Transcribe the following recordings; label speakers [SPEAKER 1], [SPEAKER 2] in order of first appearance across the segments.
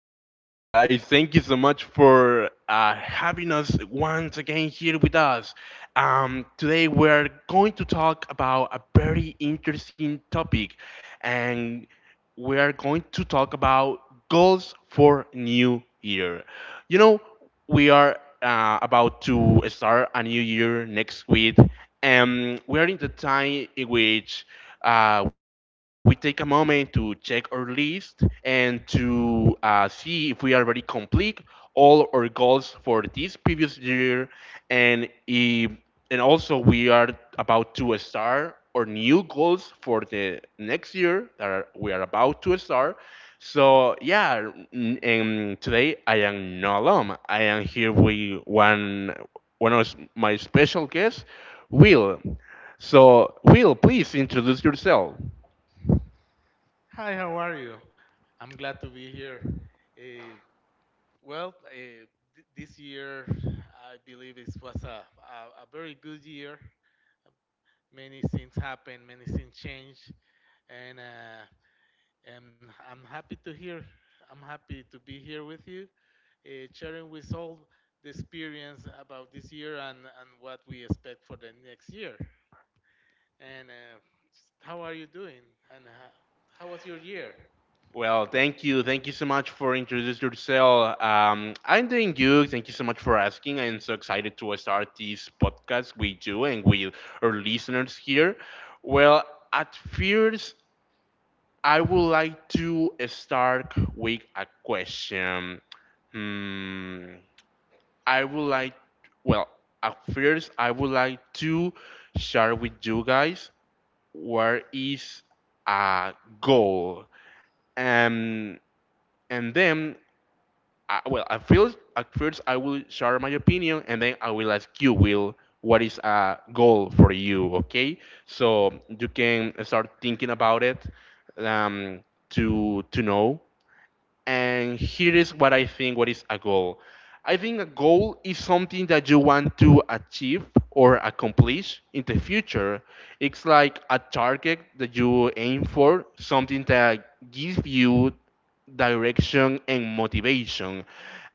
[SPEAKER 1] Hello, hello, guys. Thank you so much for having us once again here with us. Today, we're going to talk about a very interesting topic, and we are going to talk about goals for New Year. You know, we are about to start a new year next week, and we are in the time in which we take a moment to check our list and to see if we already complete all our goals for this previous year and if and also we are about to start our new goals for the next year that are, we are about to start. So yeah, and today I am not alone. I am here with one of my special guests, Will. So Will, please introduce yourself.
[SPEAKER 2] Hi, how are you? I'm glad to be here. Uh, well, uh, this year, I believe it was a very good year. Many things happened, many things changed, and, uh, and I'm happy to hear. I'm happy to be here with you, sharing with all the experience about this year and what we expect for the next year. And how are you doing? And how was your year?
[SPEAKER 1] Well, thank you. Thank you so much for introducing yourself. I'm doing you. Thank you so much for asking. I'm so excited to start this podcast with you and with our listeners here. Well, at first, I would like to start with a question. Hmm, I would like, well, at first, I would like to share with you guys what is a goal. Um, and then I, well, at first I will share my opinion, and then I will ask you, Will, what is a goal for you? Okay, so you can start thinking about it um, to know and here is what I think what is a goal. I think a goal is something that you want to achieve or accomplish in the future. It's like a target that you aim for, something that gives you direction and motivation.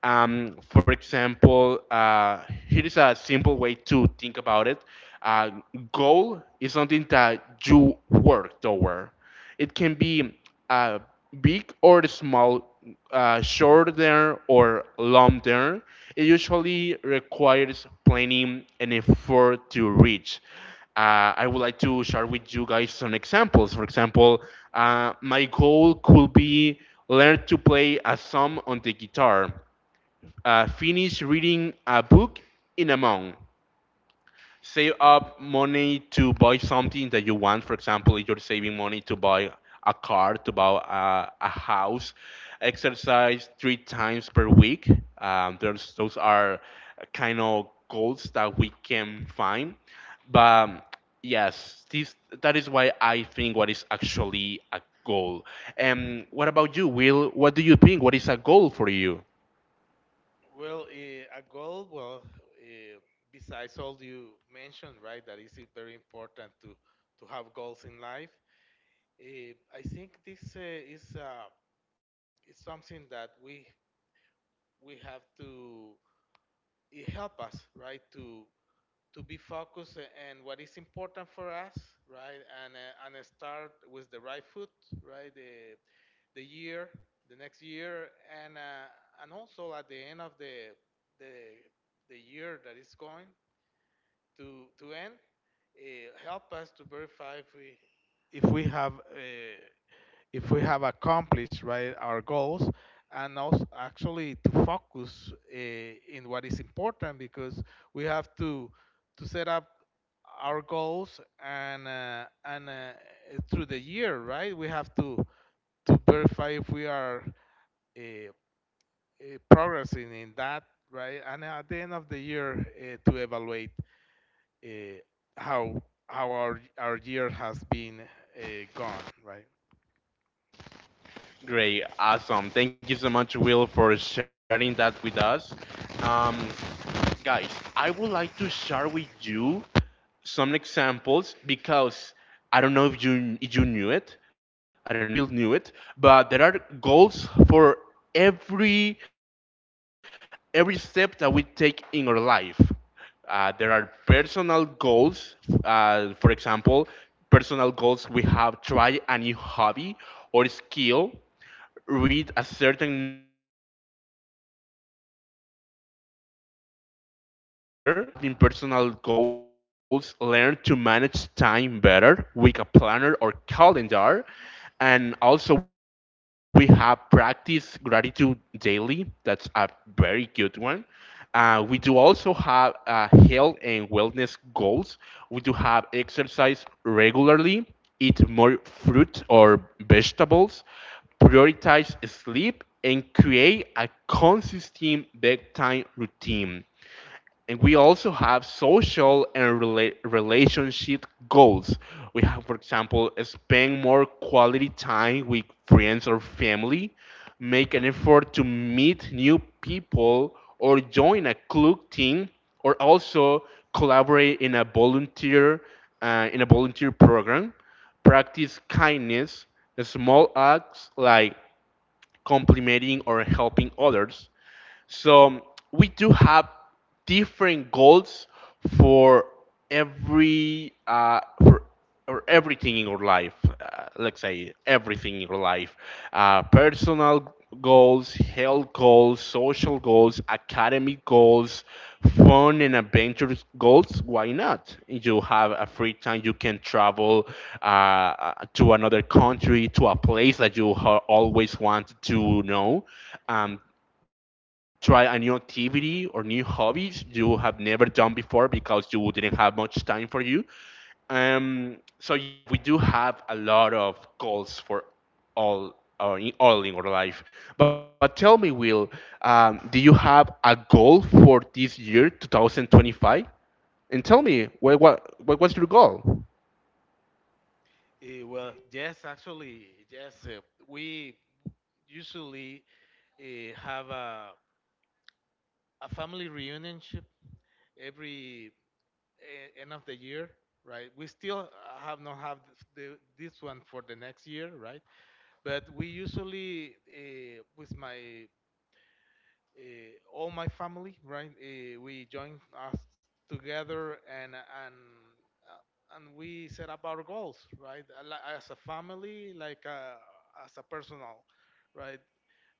[SPEAKER 1] For example, here is a simple way to think about it. Uh, Goal is something that you work toward. It can be uh, big or small, short term or long term. It usually requires planning and effort to reach. I would like to share with you guys some examples. For example, my goal could be learn to play a song on the guitar, finish reading a book in a month, save up money to buy something that you want. For example, if you're saving money to buy a car, to buy a house, exercise three times per week. There's, those are kind of goals that we can find. But yes, that is why I think what is actually a goal. And what about you, Will? What do you think? What is a goal for you?
[SPEAKER 2] A goal, eh, besides all you mentioned, right, that is very important to have goals in life. I think this is uh, is something that we have to it help us, right, to be focused and what is important for us, right? And start with the right foot, right? The year, the next year, and uh, and also at the end of the the the year that is going to end, help us to verify if we have uh, if we have accomplished right our goals, and also actually to focus in what is important, because we have to set up our goals and through the year, right, we have to verify if we are uh, uh, progressing in that, right, and at the end of the year to evaluate uh, how how our year has been gone, right.
[SPEAKER 1] Great, awesome. Thank you so much, Will, for sharing that with us. Um, Guys, I would like to share with you some examples because I don't know if you knew it. I don't know if you will knew it, but there are goals for every um, every step that we take in our life. There are personal goals. For example, personal goals we have try a new hobby or skill read a certain number of books in the year. And we do also have in personal goals learn to manage time better with a planner or calendar. And also, we have practice gratitude daily. That's a very good one. We do also have health and wellness goals. We do have exercise regularly, eat more fruit or vegetables, prioritize sleep, and create a consistent bedtime routine and we also have social and relationship goals. We have, for example, spend more quality time with friends or family, make an effort to meet new people, or join a club team, or also collaborate in a volunteer program. Practice kindness, small acts like complimenting or helping others. So we do have different goals for every for or everything in your life. Let's say everything in your life, personal goals, health goals, social goals, academic goals, fun and adventurous goals, why not? You have a free time, you can travel to another country, to a place that you always want to know. Um, Try a new activity or new hobbies you have never done before because you didn't have much time for you so yeah, we do have a lot of goals for all in our life. But tell me, Will, do you have a goal for this year, 2025? And tell me, what was your goal?
[SPEAKER 2] Yes, actually, yes. We usually have a family reunion ship every end of the year, right? We still have not have the, this one for the next year, right? But we usually, with my uh, all my family, right? We joined us together and and we set up our goals, right? As a family, like as a personal, right?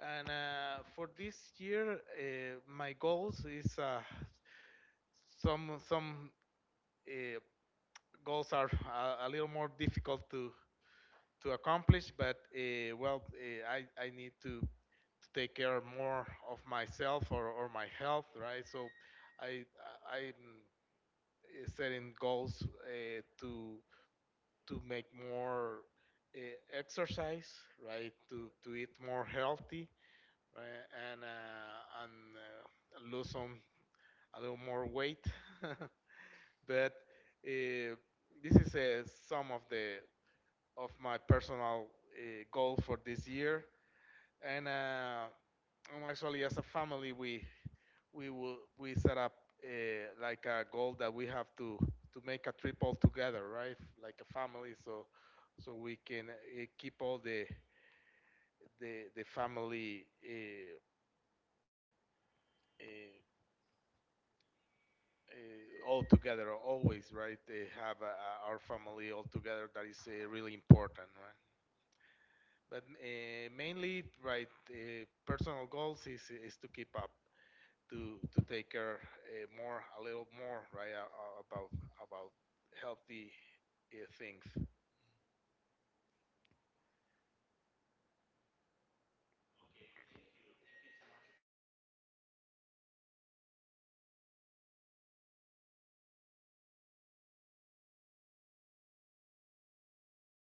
[SPEAKER 2] And for this year, my goals is some uh, goals are a little more difficult to accomplish, but well, I need to take care more of myself or my health, right? So I I- I'm setting goals to make more exercise, right? To eat more healthy, right? And lose some a little more weight, but uh, this is some of the of my personal goal for this year. And actually, as a family we set up uh, like a goal that we have to make a trip all together, right, like a family, so so we can keep all the the family uh, all together always, right. They have our family all together, that is really important, right? But mainly, right, personal goals is to keep up to take care more a little more, right, about healthy things.